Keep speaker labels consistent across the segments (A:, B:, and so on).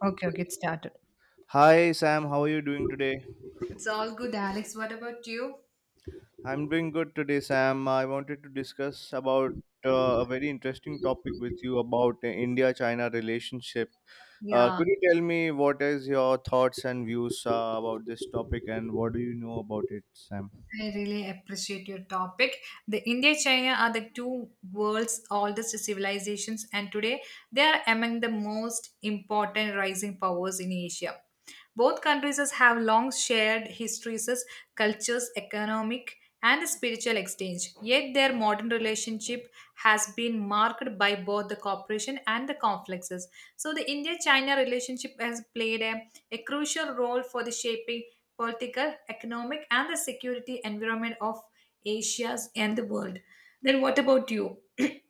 A: Okay, it started.
B: Hi Sam, how are you doing today?
A: It's all good, Alex. What about you?
B: I'm doing good today, Sam. I wanted to discuss about a very interesting topic with you about India-China relationship.
A: Yeah,
B: Could you tell me what is your thoughts and views about this topic, and what do you know about it, Sam?
A: I really appreciate your topic. The India China are the two world's oldest civilizations, and today they are among the most important rising powers in Asia. Both countries have long shared histories, cultures, economic, and spiritual exchange. Yet their modern relationship has been marked by both the cooperation and the conflicts. So the India-China relationship has played a crucial role for the shaping political, economic, and the security environment of Asia and the world. Then, what about you?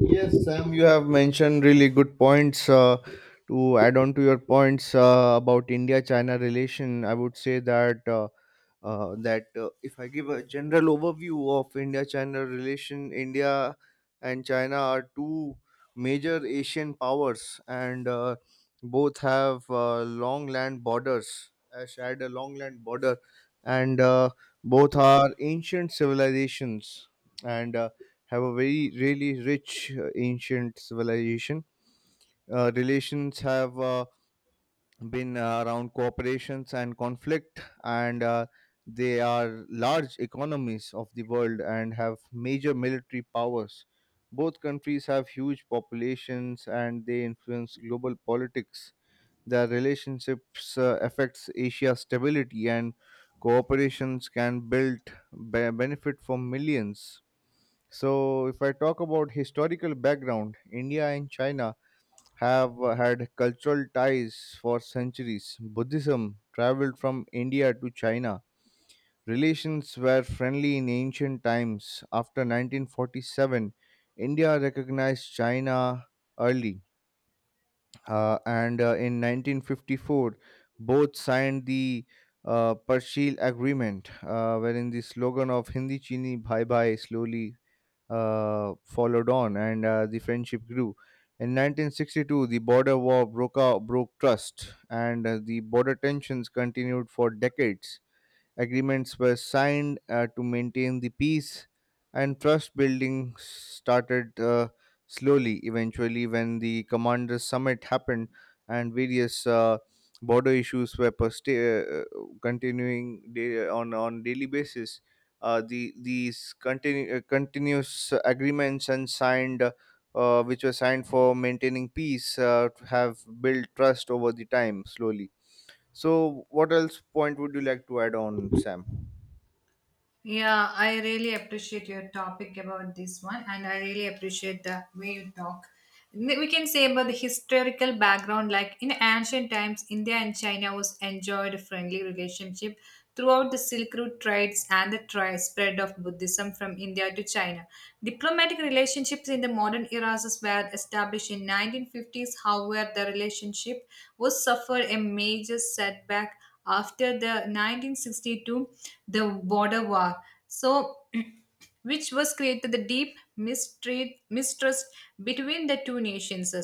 B: Yes, Sam, you have mentioned really good points. To add on to your points about India-China relation, I would say that if I give a general overview of India-China relation, India and China are two major Asian powers, and both have long land borders, shared a long land border, and both are ancient civilizations and have a very really rich ancient civilization. Relations have been around cooperations and conflict, and they are large economies of the world and have major military powers. Both countries have huge populations and they influence global politics. Their relationships affects Asia's stability, and cooperations can build benefit for millions. So if I talk about historical background, India and China have had cultural ties for centuries. Buddhism traveled from India to China. Relations were friendly in ancient times. After 1947, India recognized China early. And in 1954, both signed the Parshil Agreement, wherein the slogan of Hindi Chini Bye Bye slowly followed on, and the friendship grew. In 1962, the border war broke out, broke trust, and the border tensions continued for decades. Agreements were signed to maintain the peace, and trust building started slowly. Eventually, when the commanders' summit happened and various border issues were continuing on daily basis, the continuous agreements and signed. Which were signed for maintaining peace have built trust over the time slowly. So, what else point would you like to add on, Sam?
A: Yeah, I really appreciate your topic about this one, and I really appreciate the way you talk. We can say about the historical background, like in ancient times, India and China was enjoyed a friendly relationship throughout the Silk Road trades and the spread of Buddhism from India to China. Diplomatic relationships in the modern eras were established in 1950s. However, the relationship was suffered a major setback after the 1962 the border war, so which was created the deep mistrust between the two nations.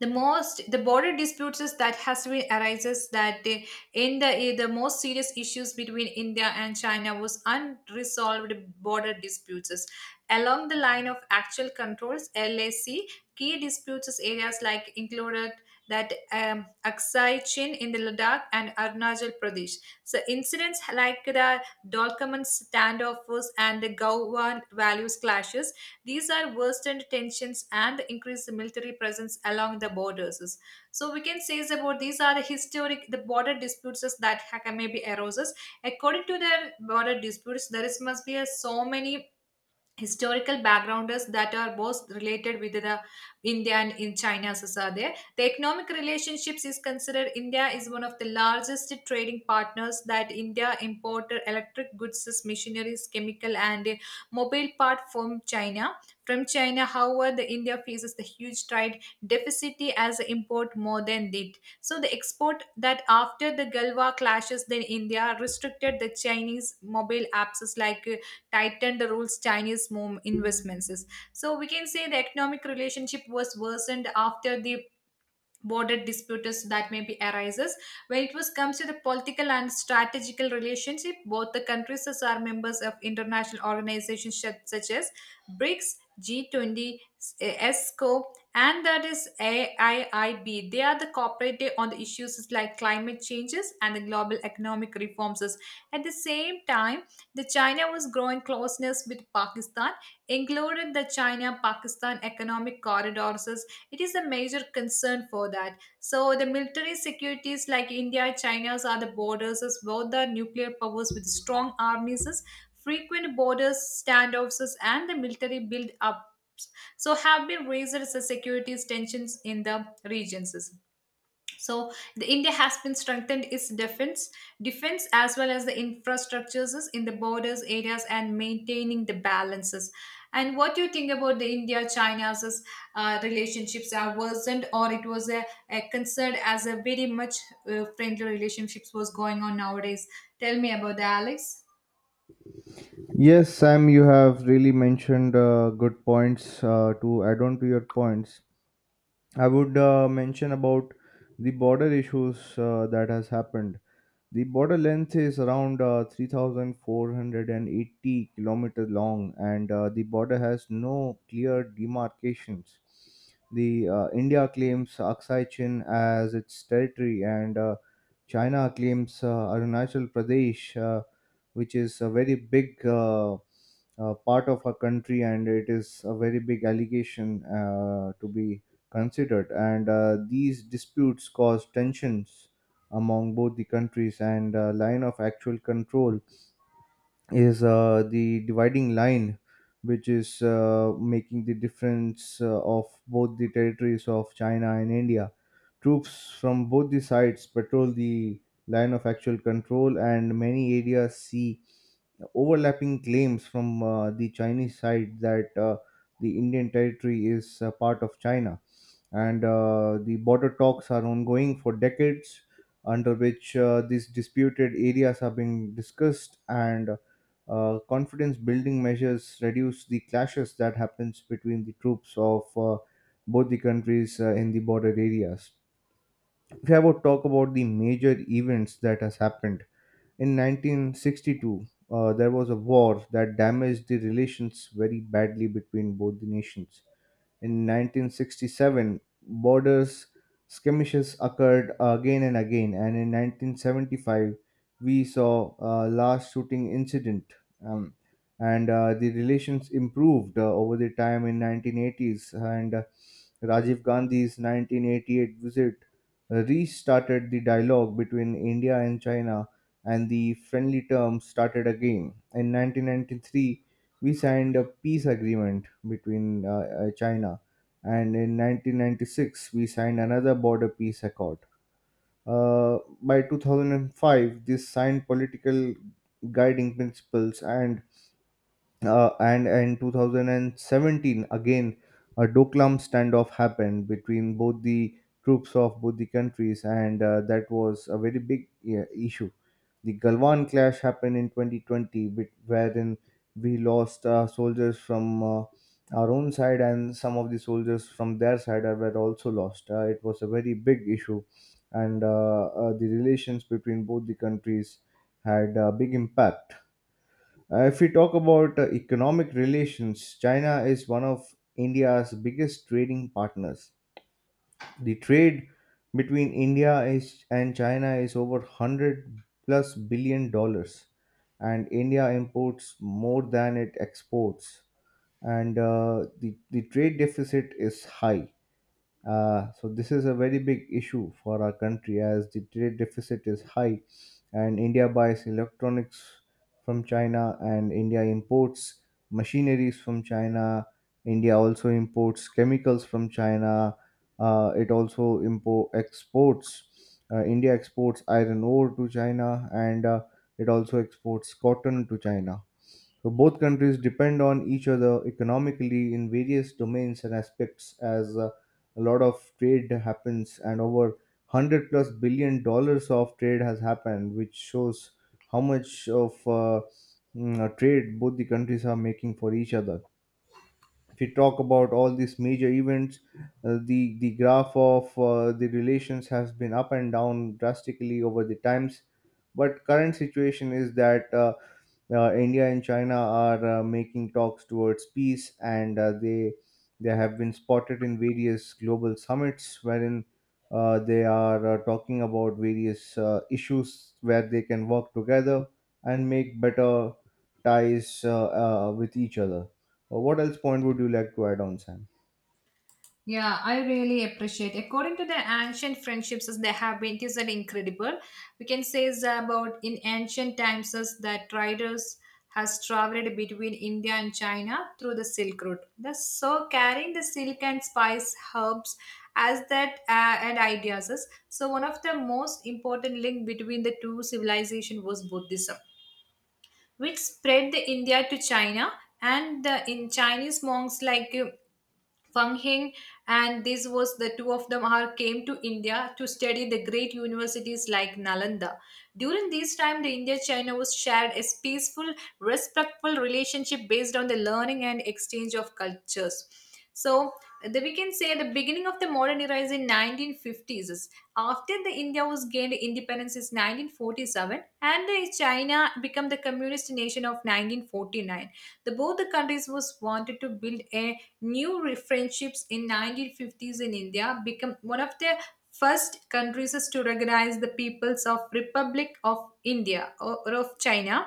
A: The most the border disputes is that has been arises that they, in the the most serious issues between India and China was unresolved border disputes is along the line of actual controls, LAC. Key disputes is areas like included that Aksai Chin in the Ladakh and Arunachal Pradesh. So incidents like the Dolkaman standoffs and the Gowon values clashes, these are worsened tensions and increased military presence along the borders. So we can say is about these are the historic the border disputes that maybe arises. According to their border disputes, there is must be a so many historical backgrounders that are both related with the India and in China. As are there the economic relationships is considered, India is one of the largest trading partners that India imported electric goods, machineries, chemical, and mobile part from china however the India faces the huge trade deficit as import more than did so the export that after the Galwa clashes, then India restricted the Chinese mobile apps like tightened the rules Chinese move investments. So we can say the economic relationship was worsened after the border disputes that may be arises. When it was comes to the political and strategical relationship, both the countries as are members of international organizations such as BRICS, G20, ESCO, and that is AIIB. They are the cooperative on the issues like climate changes and the global economic reforms. At the same time, the China was growing closeness with Pakistan included the China Pakistan economic corridors. It is a major concern for that. So the military securities like India, China's are the borders as both the nuclear powers with strong armies, as frequent borders, standoffs, as and the military build up, so have been raised as a security tensions in the regions. So the India has been strengthened its defense as well as the infrastructures in the borders areas and maintaining the balances. And what do you think about the India-China's relationships are worsened or it was a concern as a very much friendly relationships was going on nowadays? Tell me about the Alex.
B: Yes, Sam, you have really mentioned good points to add on to your points. I would mention about the border issues that has happened. The border length is around 3,480 kilometers long, and the border has no clear demarcations. The India claims Aksai Chin as its territory, and China claims Arunachal Pradesh, which is a very big part of our country, and it is a very big allegation to be considered. And these disputes cause tensions among both the countries, and line of actual control is the dividing line which is making the difference of both the territories of China and India. Troops from both the sides patrol the line of actual control, and many areas see overlapping claims from the Chinese side that the Indian territory is part of China. And the border talks are ongoing for decades, under which these disputed areas are being discussed, and confidence building measures reduce the clashes that happens between the troops of both the countries in the border areas. If I would talk about the major events that has happened in 1962. There was a war that damaged the relations very badly between both the nations. In 1967, borders skirmishes occurred again and again, and in 1975, we saw a last shooting incident. Um, and The relations improved over the time in 1980s, and Rajiv Gandhi's 1988 visit restarted the dialogue between India and China, and the friendly terms started again. In 1993, we signed a peace agreement between China, and in 1996 we signed another border peace accord. By 2005, this signed political guiding principles, and in 2017 again a Doklam standoff happened between both the troops of both the countries, and that was a very big, yeah, issue. The Galwan clash happened in 2020, with, wherein we lost soldiers from our own side, and some of the soldiers from their side were also lost. It was a very big issue, and the relations between both the countries had a big impact. If we talk about economic relations, China is one of India's biggest trading partners. The trade between India is, and China is, over 100 plus billion dollars, and India imports more than it exports, and the trade deficit is high. So this is a very big issue for our country as the trade deficit is high, and India buys electronics from China, and India imports machineries from China. India also imports chemicals from China. It also import exports. India exports iron ore to China, and it also exports cotton to China. So both countries depend on each other economically in various domains and aspects, as a lot of trade happens, and over 100 plus billion dollars of trade has happened, which shows how much of trade both the countries are making for each other. If you talk about all these major events, the graph of the relations has been up and down drastically over the times, but current situation is that India and China are making talks towards peace, and they have been spotted in various global summits wherein they are talking about various issues where they can work together and make better ties with each other. What else point would you like to add on, Sam?
A: Yeah, I really appreciate. According to the ancient friendships as they have been, it is an incredible. We can say is about in ancient times as that traders has traveled between India and China through the Silk Route. The so carrying the silk and spice herbs as that and ideas. So one of the most important link between the two civilization was Buddhism, which spread the India to China and the in Chinese monks like Fang Heng, and this was the two of them are came to India to study the great universities like Nalanda. During this time, the India-China was shared a peaceful, respectful relationship based on the learning and exchange of cultures. So we can say the beginning of the modern era is in 1950s. After the India was gained independence is 1947 and the China become the communist nation of 1949. The both the countries was wanted to build a new friendships in 1950s. In India, become one of the first countries is to recognize the peoples of Republic of India or of China.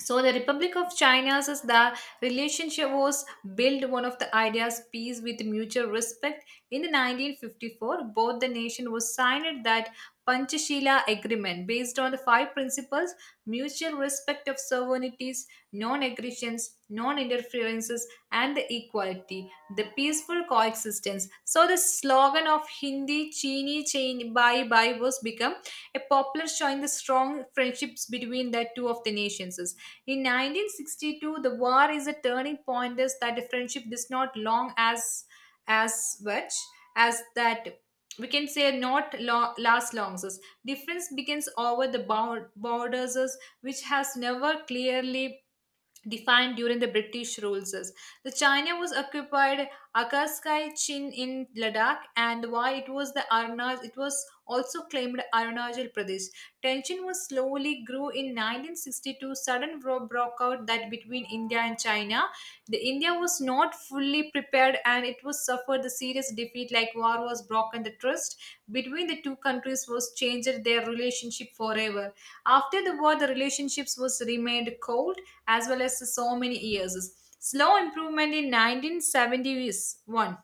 A: So the Republic of China's is the relationship was built one of the ideas peace with mutual respect. In the 1954, both the nation was signed that Panchashila Agreement based on the five principles: mutual respect of sovereignties, non-aggressions, non-interferences, and the equality, the peaceful coexistence. So the slogan of Hindi Chini Chain Bye Bye was become a poplar showing the strong friendships between the two of the nations. In 1962, the war is a turning point is that the friendship does not long as much as that, we can say, not last long. Difference begins over the borders which has never clearly defined during the British rules. The China was occupied Akaskai Chin in Ladakh, and why it was the Arunachal, it was also claimed Arunachal Pradesh. Tension was slowly grew in 1962, sudden broke out that between India and China. The India was not fully prepared and it was suffered the serious defeat like war was broken. The trust between the two countries was changed their relationship forever. After the war, the relationships was remained cold as well as so many years slow improvement in 1971.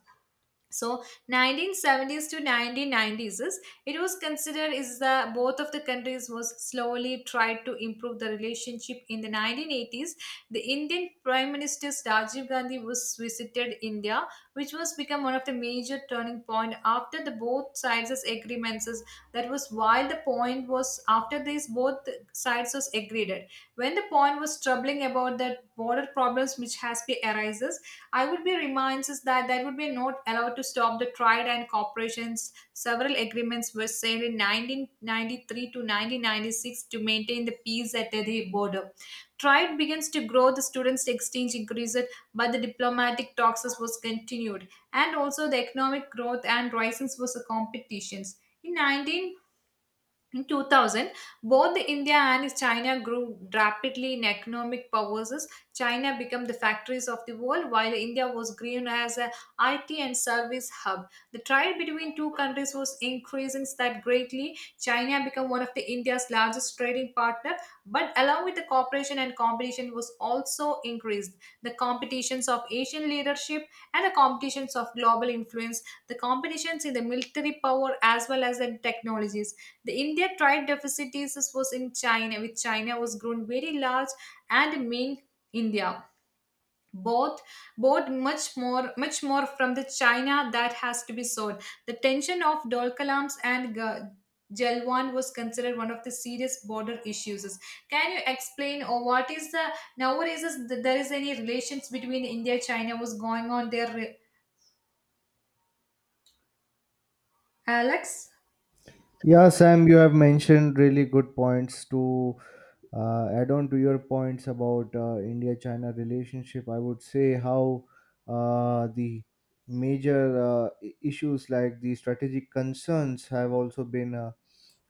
A: So 1970s to 1990s is it was considered is the both of the countries was slowly tried to improve the relationship. In the 1980s, the Indian Prime Minister Rajiv Gandhi was visited India, which was become one of the major turning point after the both sides that was while the point was. After this both sides was agreed when the point was troubling about the border problems which has been arises. I would be reminds us that that would be not allowed to stop the trade and corporations. Several agreements were signed in 1993 to 1996 to maintain the peace at the border. Trade begins to grow, the students' exchange increased, but the diplomatic talks was continued, and also the economic growth and risings was the competitions. In 19 in 2000, both the India and China grew rapidly in economic powers. China became the factories of the world, while India was grown as a IT and service hub. The trade between two countries was increasing that greatly. China became one of the India's largest trading partner, but along with the cooperation and competition was also increased. The competitions of Asian leadership and the competitions of global influence, the competitions in the military power as well as in technologies. The India trade was in China, with China was grown very large and main India both both much more from the china that has to be sold the tension of dolkalams and gelwan was considered one of the serious border issues. Can you explain or what is the nowadays is there is any relations between india china was going on there, Alex?
B: Yeah, Sam, you have mentioned really good points to add on to your points about India China relationship. I would say how the major issues like the strategic concerns have also been a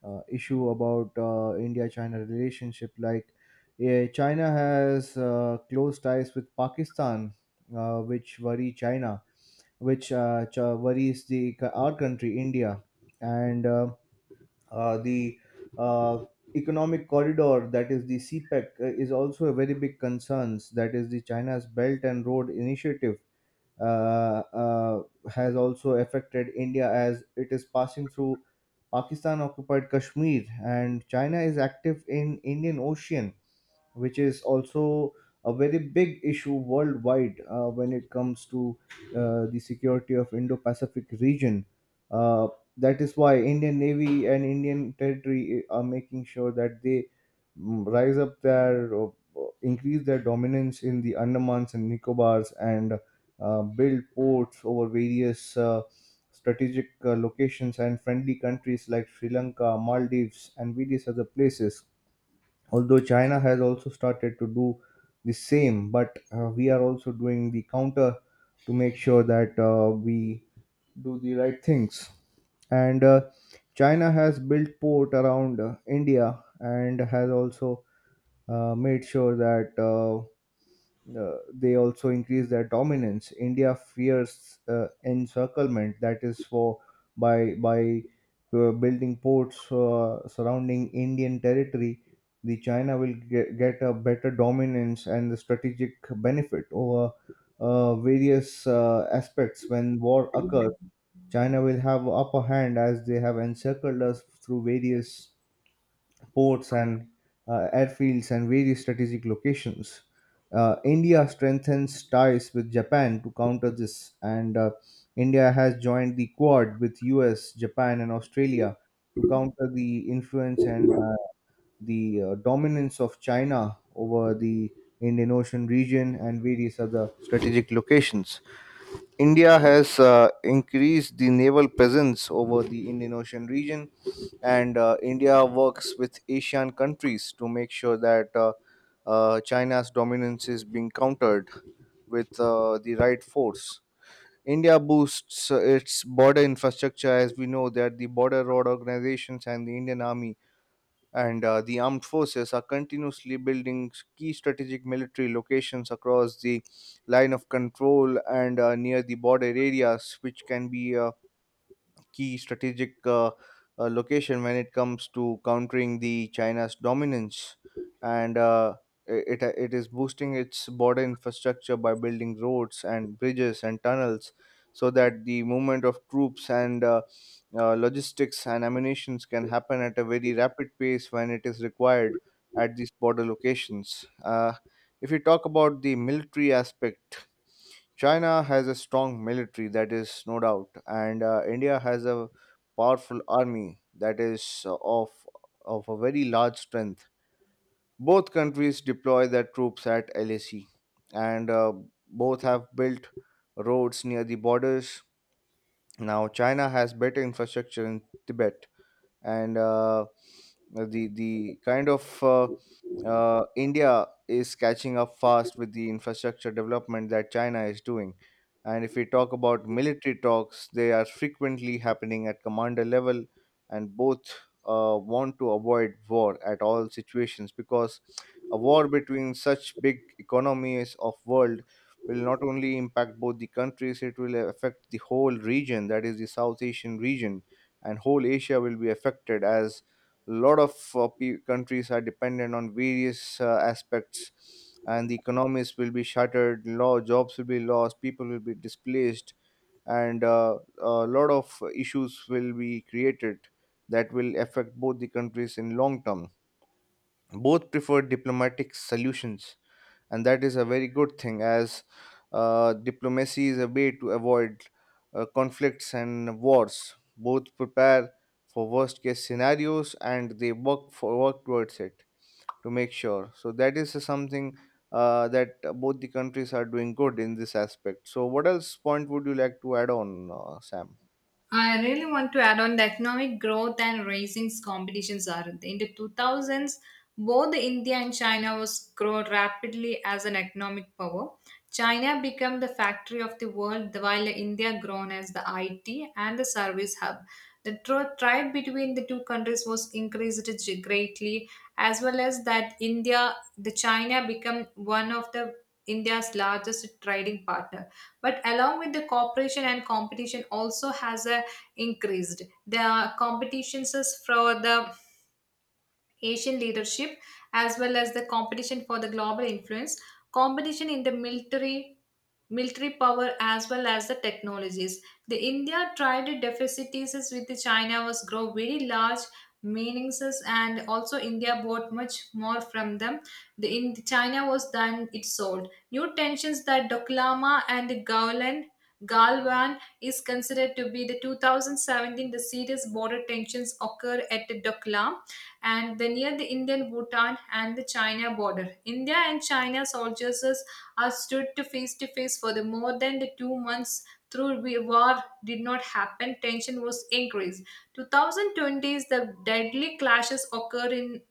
B: issue about India China relationship. Like China has close ties with Pakistan, which worry China, which worries the our country India, and the uh, economic corridor that is the CPEC is also a very big concern. That is the China's Belt and Road Initiative uh, uh, has also affected India as it is passing through Pakistan occupied Kashmir, and China is active in Indian Ocean, which is also a very big issue worldwide when it comes to the security of Indo-Pacific region. Uh, that is why Indian Navy and Indian territory are making sure that they mm, rise up their increase their dominance in the Andamans and Nicobars, and build ports over various strategic locations and friendly countries like Sri Lanka, Maldives, and various other places. Although China has also started to do the same, but we are also doing the counter to make sure that we do the right things. And China has built port around India, and has also made sure that they also increase their dominance. India fears encirclement, that is for by building ports surrounding Indian territory. The China will get a better dominance and the strategic benefit over various aspects when war occurs. China will have upper hand as they have encircled us through various ports and airfields and various strategic locations. India strengthens ties with Japan to counter this, and India has joined the Quad with US, Japan, and Australia to counter the influence and the dominance of China over the Indian Ocean region and various other strategic locations. India has increased the naval presence over the Indian Ocean region, and India works with Asian countries to make sure that China's dominance is being countered with the right force. India boosts its border infrastructure, as we know that the border road organizations and the Indian Army and the armed forces are continuously building key strategic military locations across the line of control, and near the border areas, which can be a key strategic location when it comes to countering the China's dominance, and it is boosting its border infrastructure by building roads and bridges and tunnels, so that the movement of troops and logistics and ammunitions can happen at a very rapid pace when it is required at these border locations. If you talk about the military aspect, China has a strong military, that is no doubt, and India has a powerful army that is of a very large strength. Both countries deploy their troops at LAC, and both have built roads near the borders. Now, China has better infrastructure in Tibet, and the kind of India is catching up fast with the infrastructure development that China is doing. And if we talk about military talks, they are frequently happening at commander level, and both want to avoid war at all situations because a war between such big economies of world will not only impact both the countries, it will affect the whole region, that is the South Asian region and whole Asia will be affected as a lot of countries are dependent on various aspects and the economies will be shattered, law jobs will be lost, people will be displaced, and a lot of issues will be created that will affect both the countries in long term. Both prefer diplomatic solutions and that is a very good thing as diplomacy is a way to avoid conflicts and wars both prepare for worst case scenarios and they work towards it to make sure so that is something that both the countries are doing good in this aspect so what else point would you like to add on Sam?
A: I really want to add on the economic growth and rising competitions are in the 2000s. Both India and China was grow rapidly as an economic power. China became the factory of the world, while India grown as the IT and the service hub. The trade between the two countries was increased greatly, as well as that India, the China become one of the India's largest trading partner. But along with the cooperation and competition also has increased. The competitions is for the Asian leadership as well as the competition for the global influence, competition in the military power as well as the technologies. The India trade deficits with the China was grow very large meanings, and also India bought much more from them. The in China was done it sold. New tensions that Doklama and the Gowland Galwan is considered to be the 2017 the serious border tensions occur at the Doklam and the near the Indian Bhutan and the China border. India and China soldiers are stood to face for the more than the 2 months through war did not happen tension was increased 2020s the deadly clashes occurred in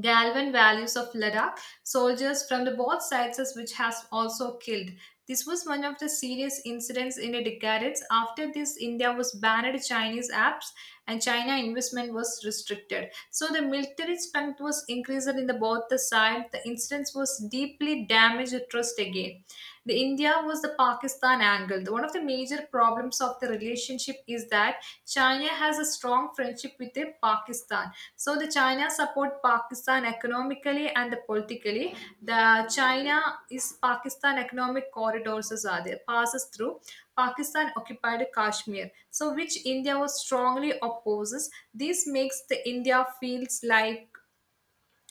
A: Galvan values of Ladakh, soldiers from the both sides as which has also killed. This was one of the serious incidents in the decades. After this, India was banned Chinese apps and China investment was restricted. So the military strength was increased in the both the side. The incidents was deeply damaged the trust again. The India was the Pakistan angle. One of the major problems of the relationship is that China has a strong friendship with the Pakistan. So the China support Pakistan economically and politically. The China is Pakistan economic corridors are there passes through Pakistan occupied Kashmir, so which India was strongly opposes. This makes the India feels like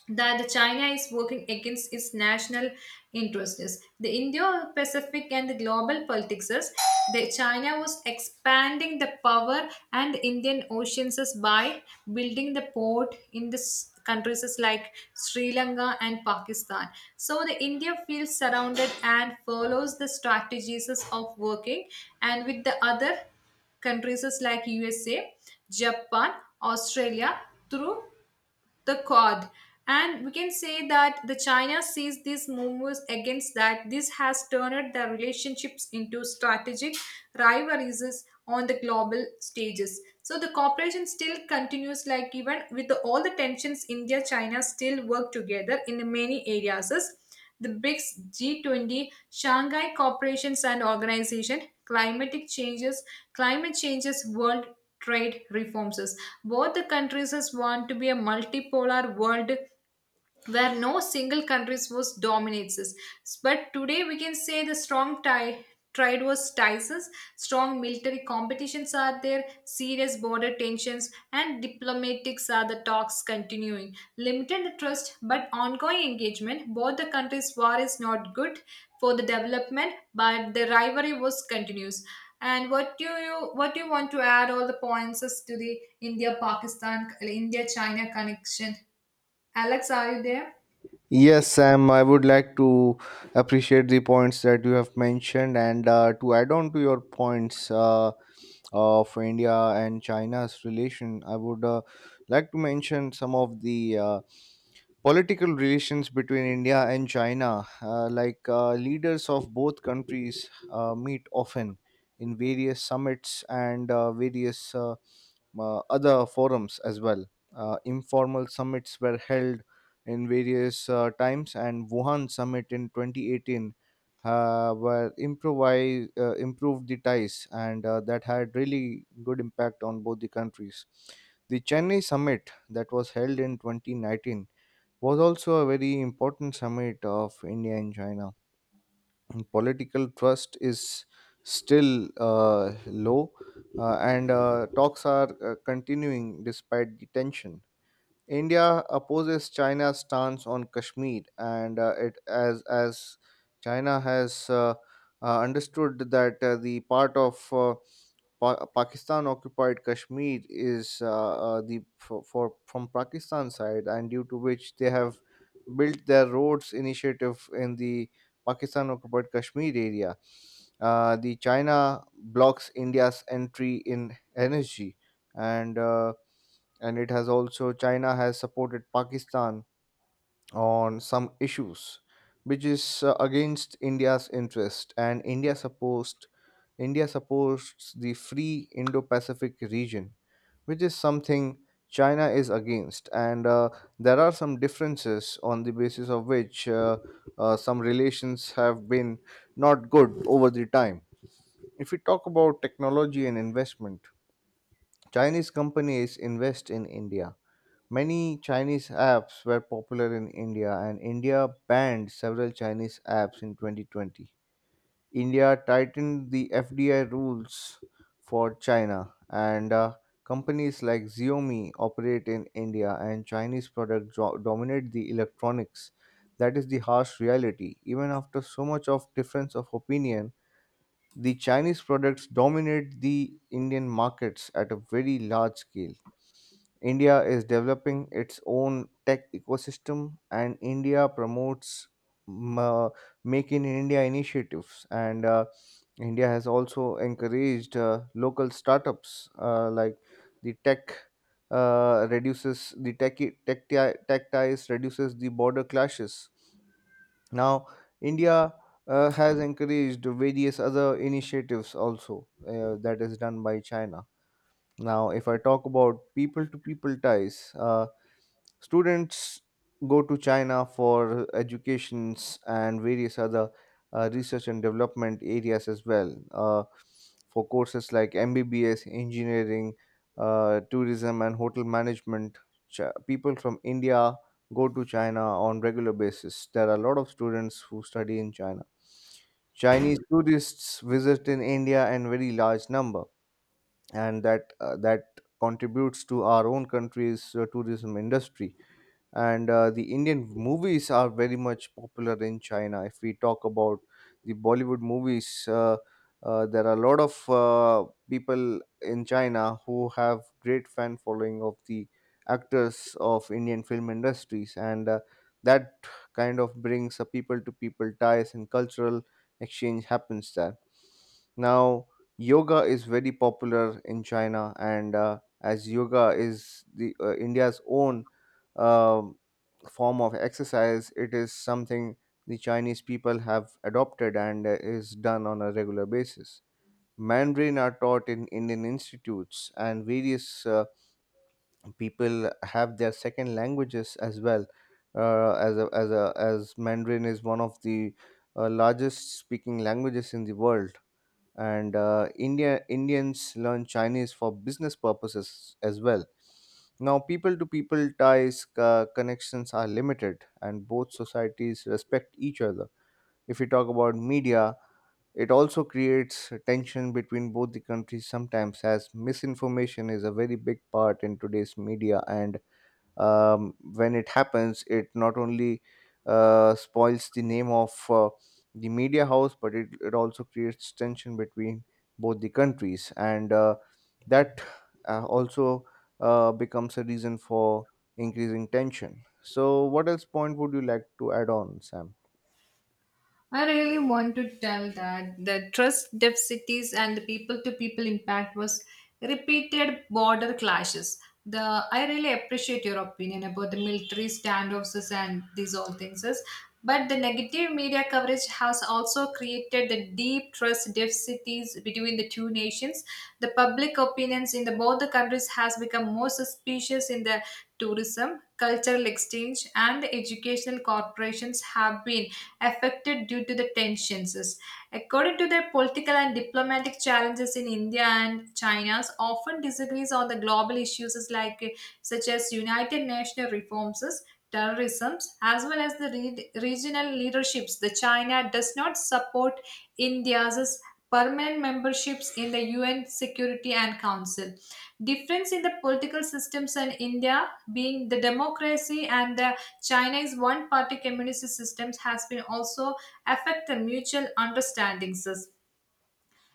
A: that China is working against its national interests. The Indo-Pacific and the global politics is that China was expanding the power and the Indian oceans is by building the port in the countries is like Sri Lanka and Pakistan. So the India feels surrounded and follows the strategies is of working and with the other countries is like USA, Japan, Australia through the Quad. And we can say that the China sees these moves against that. This has turned the relationships into strategic rivalries on the global stages. So the cooperation still continues, like even with all the tensions, India China still work together in many areas the BRICS, G20, Shanghai Corporations and Organization, climatic changes, climate changes, world trade reforms. Both the countries want to be a multipolar world where no single country's was dominates us. But today we can say the strong tie trade was ties us, strong military competitions are there, serious border tensions, and diplomatics are the talks continuing. Limited trust but ongoing engagement. Both the countries' war is not good for the development, but the rivalry was continues. And what do you want to add all the points as to the India Pakistan India China connection? Alex, are you there?
B: Yes, Sam, I would like to appreciate the points that you have mentioned. And to add on to your points of India and China's relation, I would like to mention some of the political relations between India and China. Like leaders of both countries meet often in various summits and various other forums as well. Informal summits were held in various times, and Wuhan summit in 2018 improved the ties, and that had really good impact on both the countries. The Chennai summit that was held in 2019 was also a very important summit of India and China. And political trust is still low, and talks are continuing despite the tension. India opposes China's stance on Kashmir, and it as China has understood that the part of Pakistan occupied Kashmir is the for from Pakistan side, and due to which they have built their roads initiative in the Pakistan occupied Kashmir area. The China blocks India's entry in energy, and uh, and it has also China has supported Pakistan on some issues, which is against India's interest. And India supposed India supports the free Indo-Pacific region, which is something China is against. And there are some differences on the basis of which some relations have been not good over the time. If we talk about technology and investment, Chinese companies invest in India. Many Chinese apps were popular in India, and India banned several Chinese apps in 2020. India tightened the FDI rules for China, and companies like Xiaomi operate in India, and Chinese products dominate the electronics. That is the harsh reality. Even after so much of difference of opinion, the Chinese products dominate the Indian markets at a very large scale. India is developing its own tech ecosystem, and India promotes ma- Make in India initiatives. And India has also encouraged local startups like the tech. Reduces the tech tech Tech ties reduces the border clashes. Now, India has encouraged various other initiatives also that is done by China. Now, if I talk about people to people ties, students go to China for educations and various other research and development areas as well for courses like MBBS, engineering, tourism, and hotel management. Ch- People from India go to China on regular basis. There are a lot of students who study in China. Chinese tourists visit in India in very large number and that contributes to our own country's tourism industry and the Indian movies are very much popular in China if we talk about the Bollywood movies, there are a lot of people in China who have great fan following of the actors of Indian film industries, and that kind of brings a people to people ties and cultural exchange happens there now. Yoga is very popular in China, and as yoga is the India's own um, form of exercise. It is something the Chinese people have adopted, and is done on a regular basis. Mandarin are taught in Indian institutes, and various people have their second languages as well. As Mandarin is one of the largest speaking languages in the world, and Indians learn Chinese for business purposes as well. Now, people to people ties connections are limited, and both societies respect each other. If we talk about media, it also creates a tension between both the countries sometimes, as misinformation is a very big part in today's media, and when it happens it not only spoils the name of the media house, but it also creates tension between both the countries, and that also becomes a reason for increasing tension. So what else point would you like to add on, Sam?
A: I really want to tell that the trust deficits and the people-to-people impact was repeated border clashes. The I really appreciate your opinion about the military standoffs and these all things. But the negative media coverage has also created the deep trust deficits between the two nations. The public opinions in the both the countries has become more suspicious in the tourism, cultural exchange, and the educational corporations have been affected due to the tensions. According to their political and diplomatic challenges in India and China's often disagrees on the global issues like such as United Nations reforms, terrorism, as well as the regional leaderships. The China does not support India's permanent memberships in the UN Security and Council. Difference in the political systems in India being the democracy and the Chinese one-party communist systems has been also affect the mutual understandings.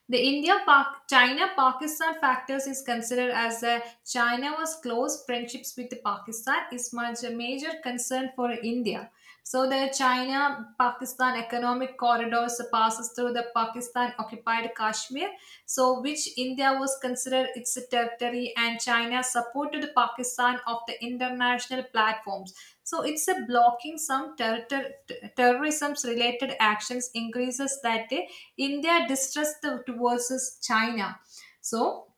A: The India China Pakistan factors is considered as a China was close friendships with Pakistan is much a major concern for India. So the China Pakistan economic corridors passes through the Pakistan occupied Kashmir, so which India was considered its territory and China supported Pakistan of the international platforms. So it's a blocking some terrorism related actions increases that day India distrust towards China. So,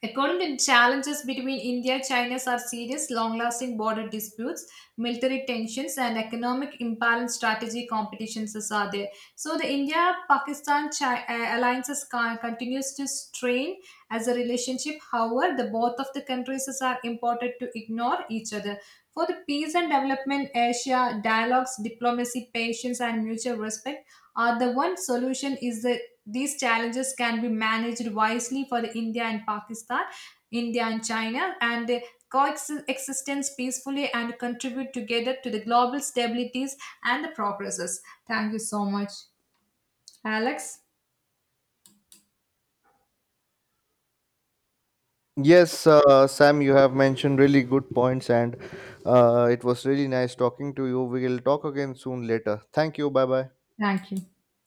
A: according to challenges between India and China are serious, long-lasting border disputes, military tensions, and economic imbalance strategy competitions is are there. So, the India-Pakistan alliances continues to strain as a relationship. However, the both of the countries is are important to ignore each other. For the peace and development, Asia, dialogues, diplomacy, patience, and mutual respect are the one solution is that these challenges can be managed wisely for the India and Pakistan, India and China, and they coexistence peacefully and contribute together to the global stabilities and the progresses. Thank you so much, Alex.
B: Yes, Sam, you have mentioned really good points, and it was really nice talking to you. We will talk again soon later. Thank you. Bye bye.
A: Thank you.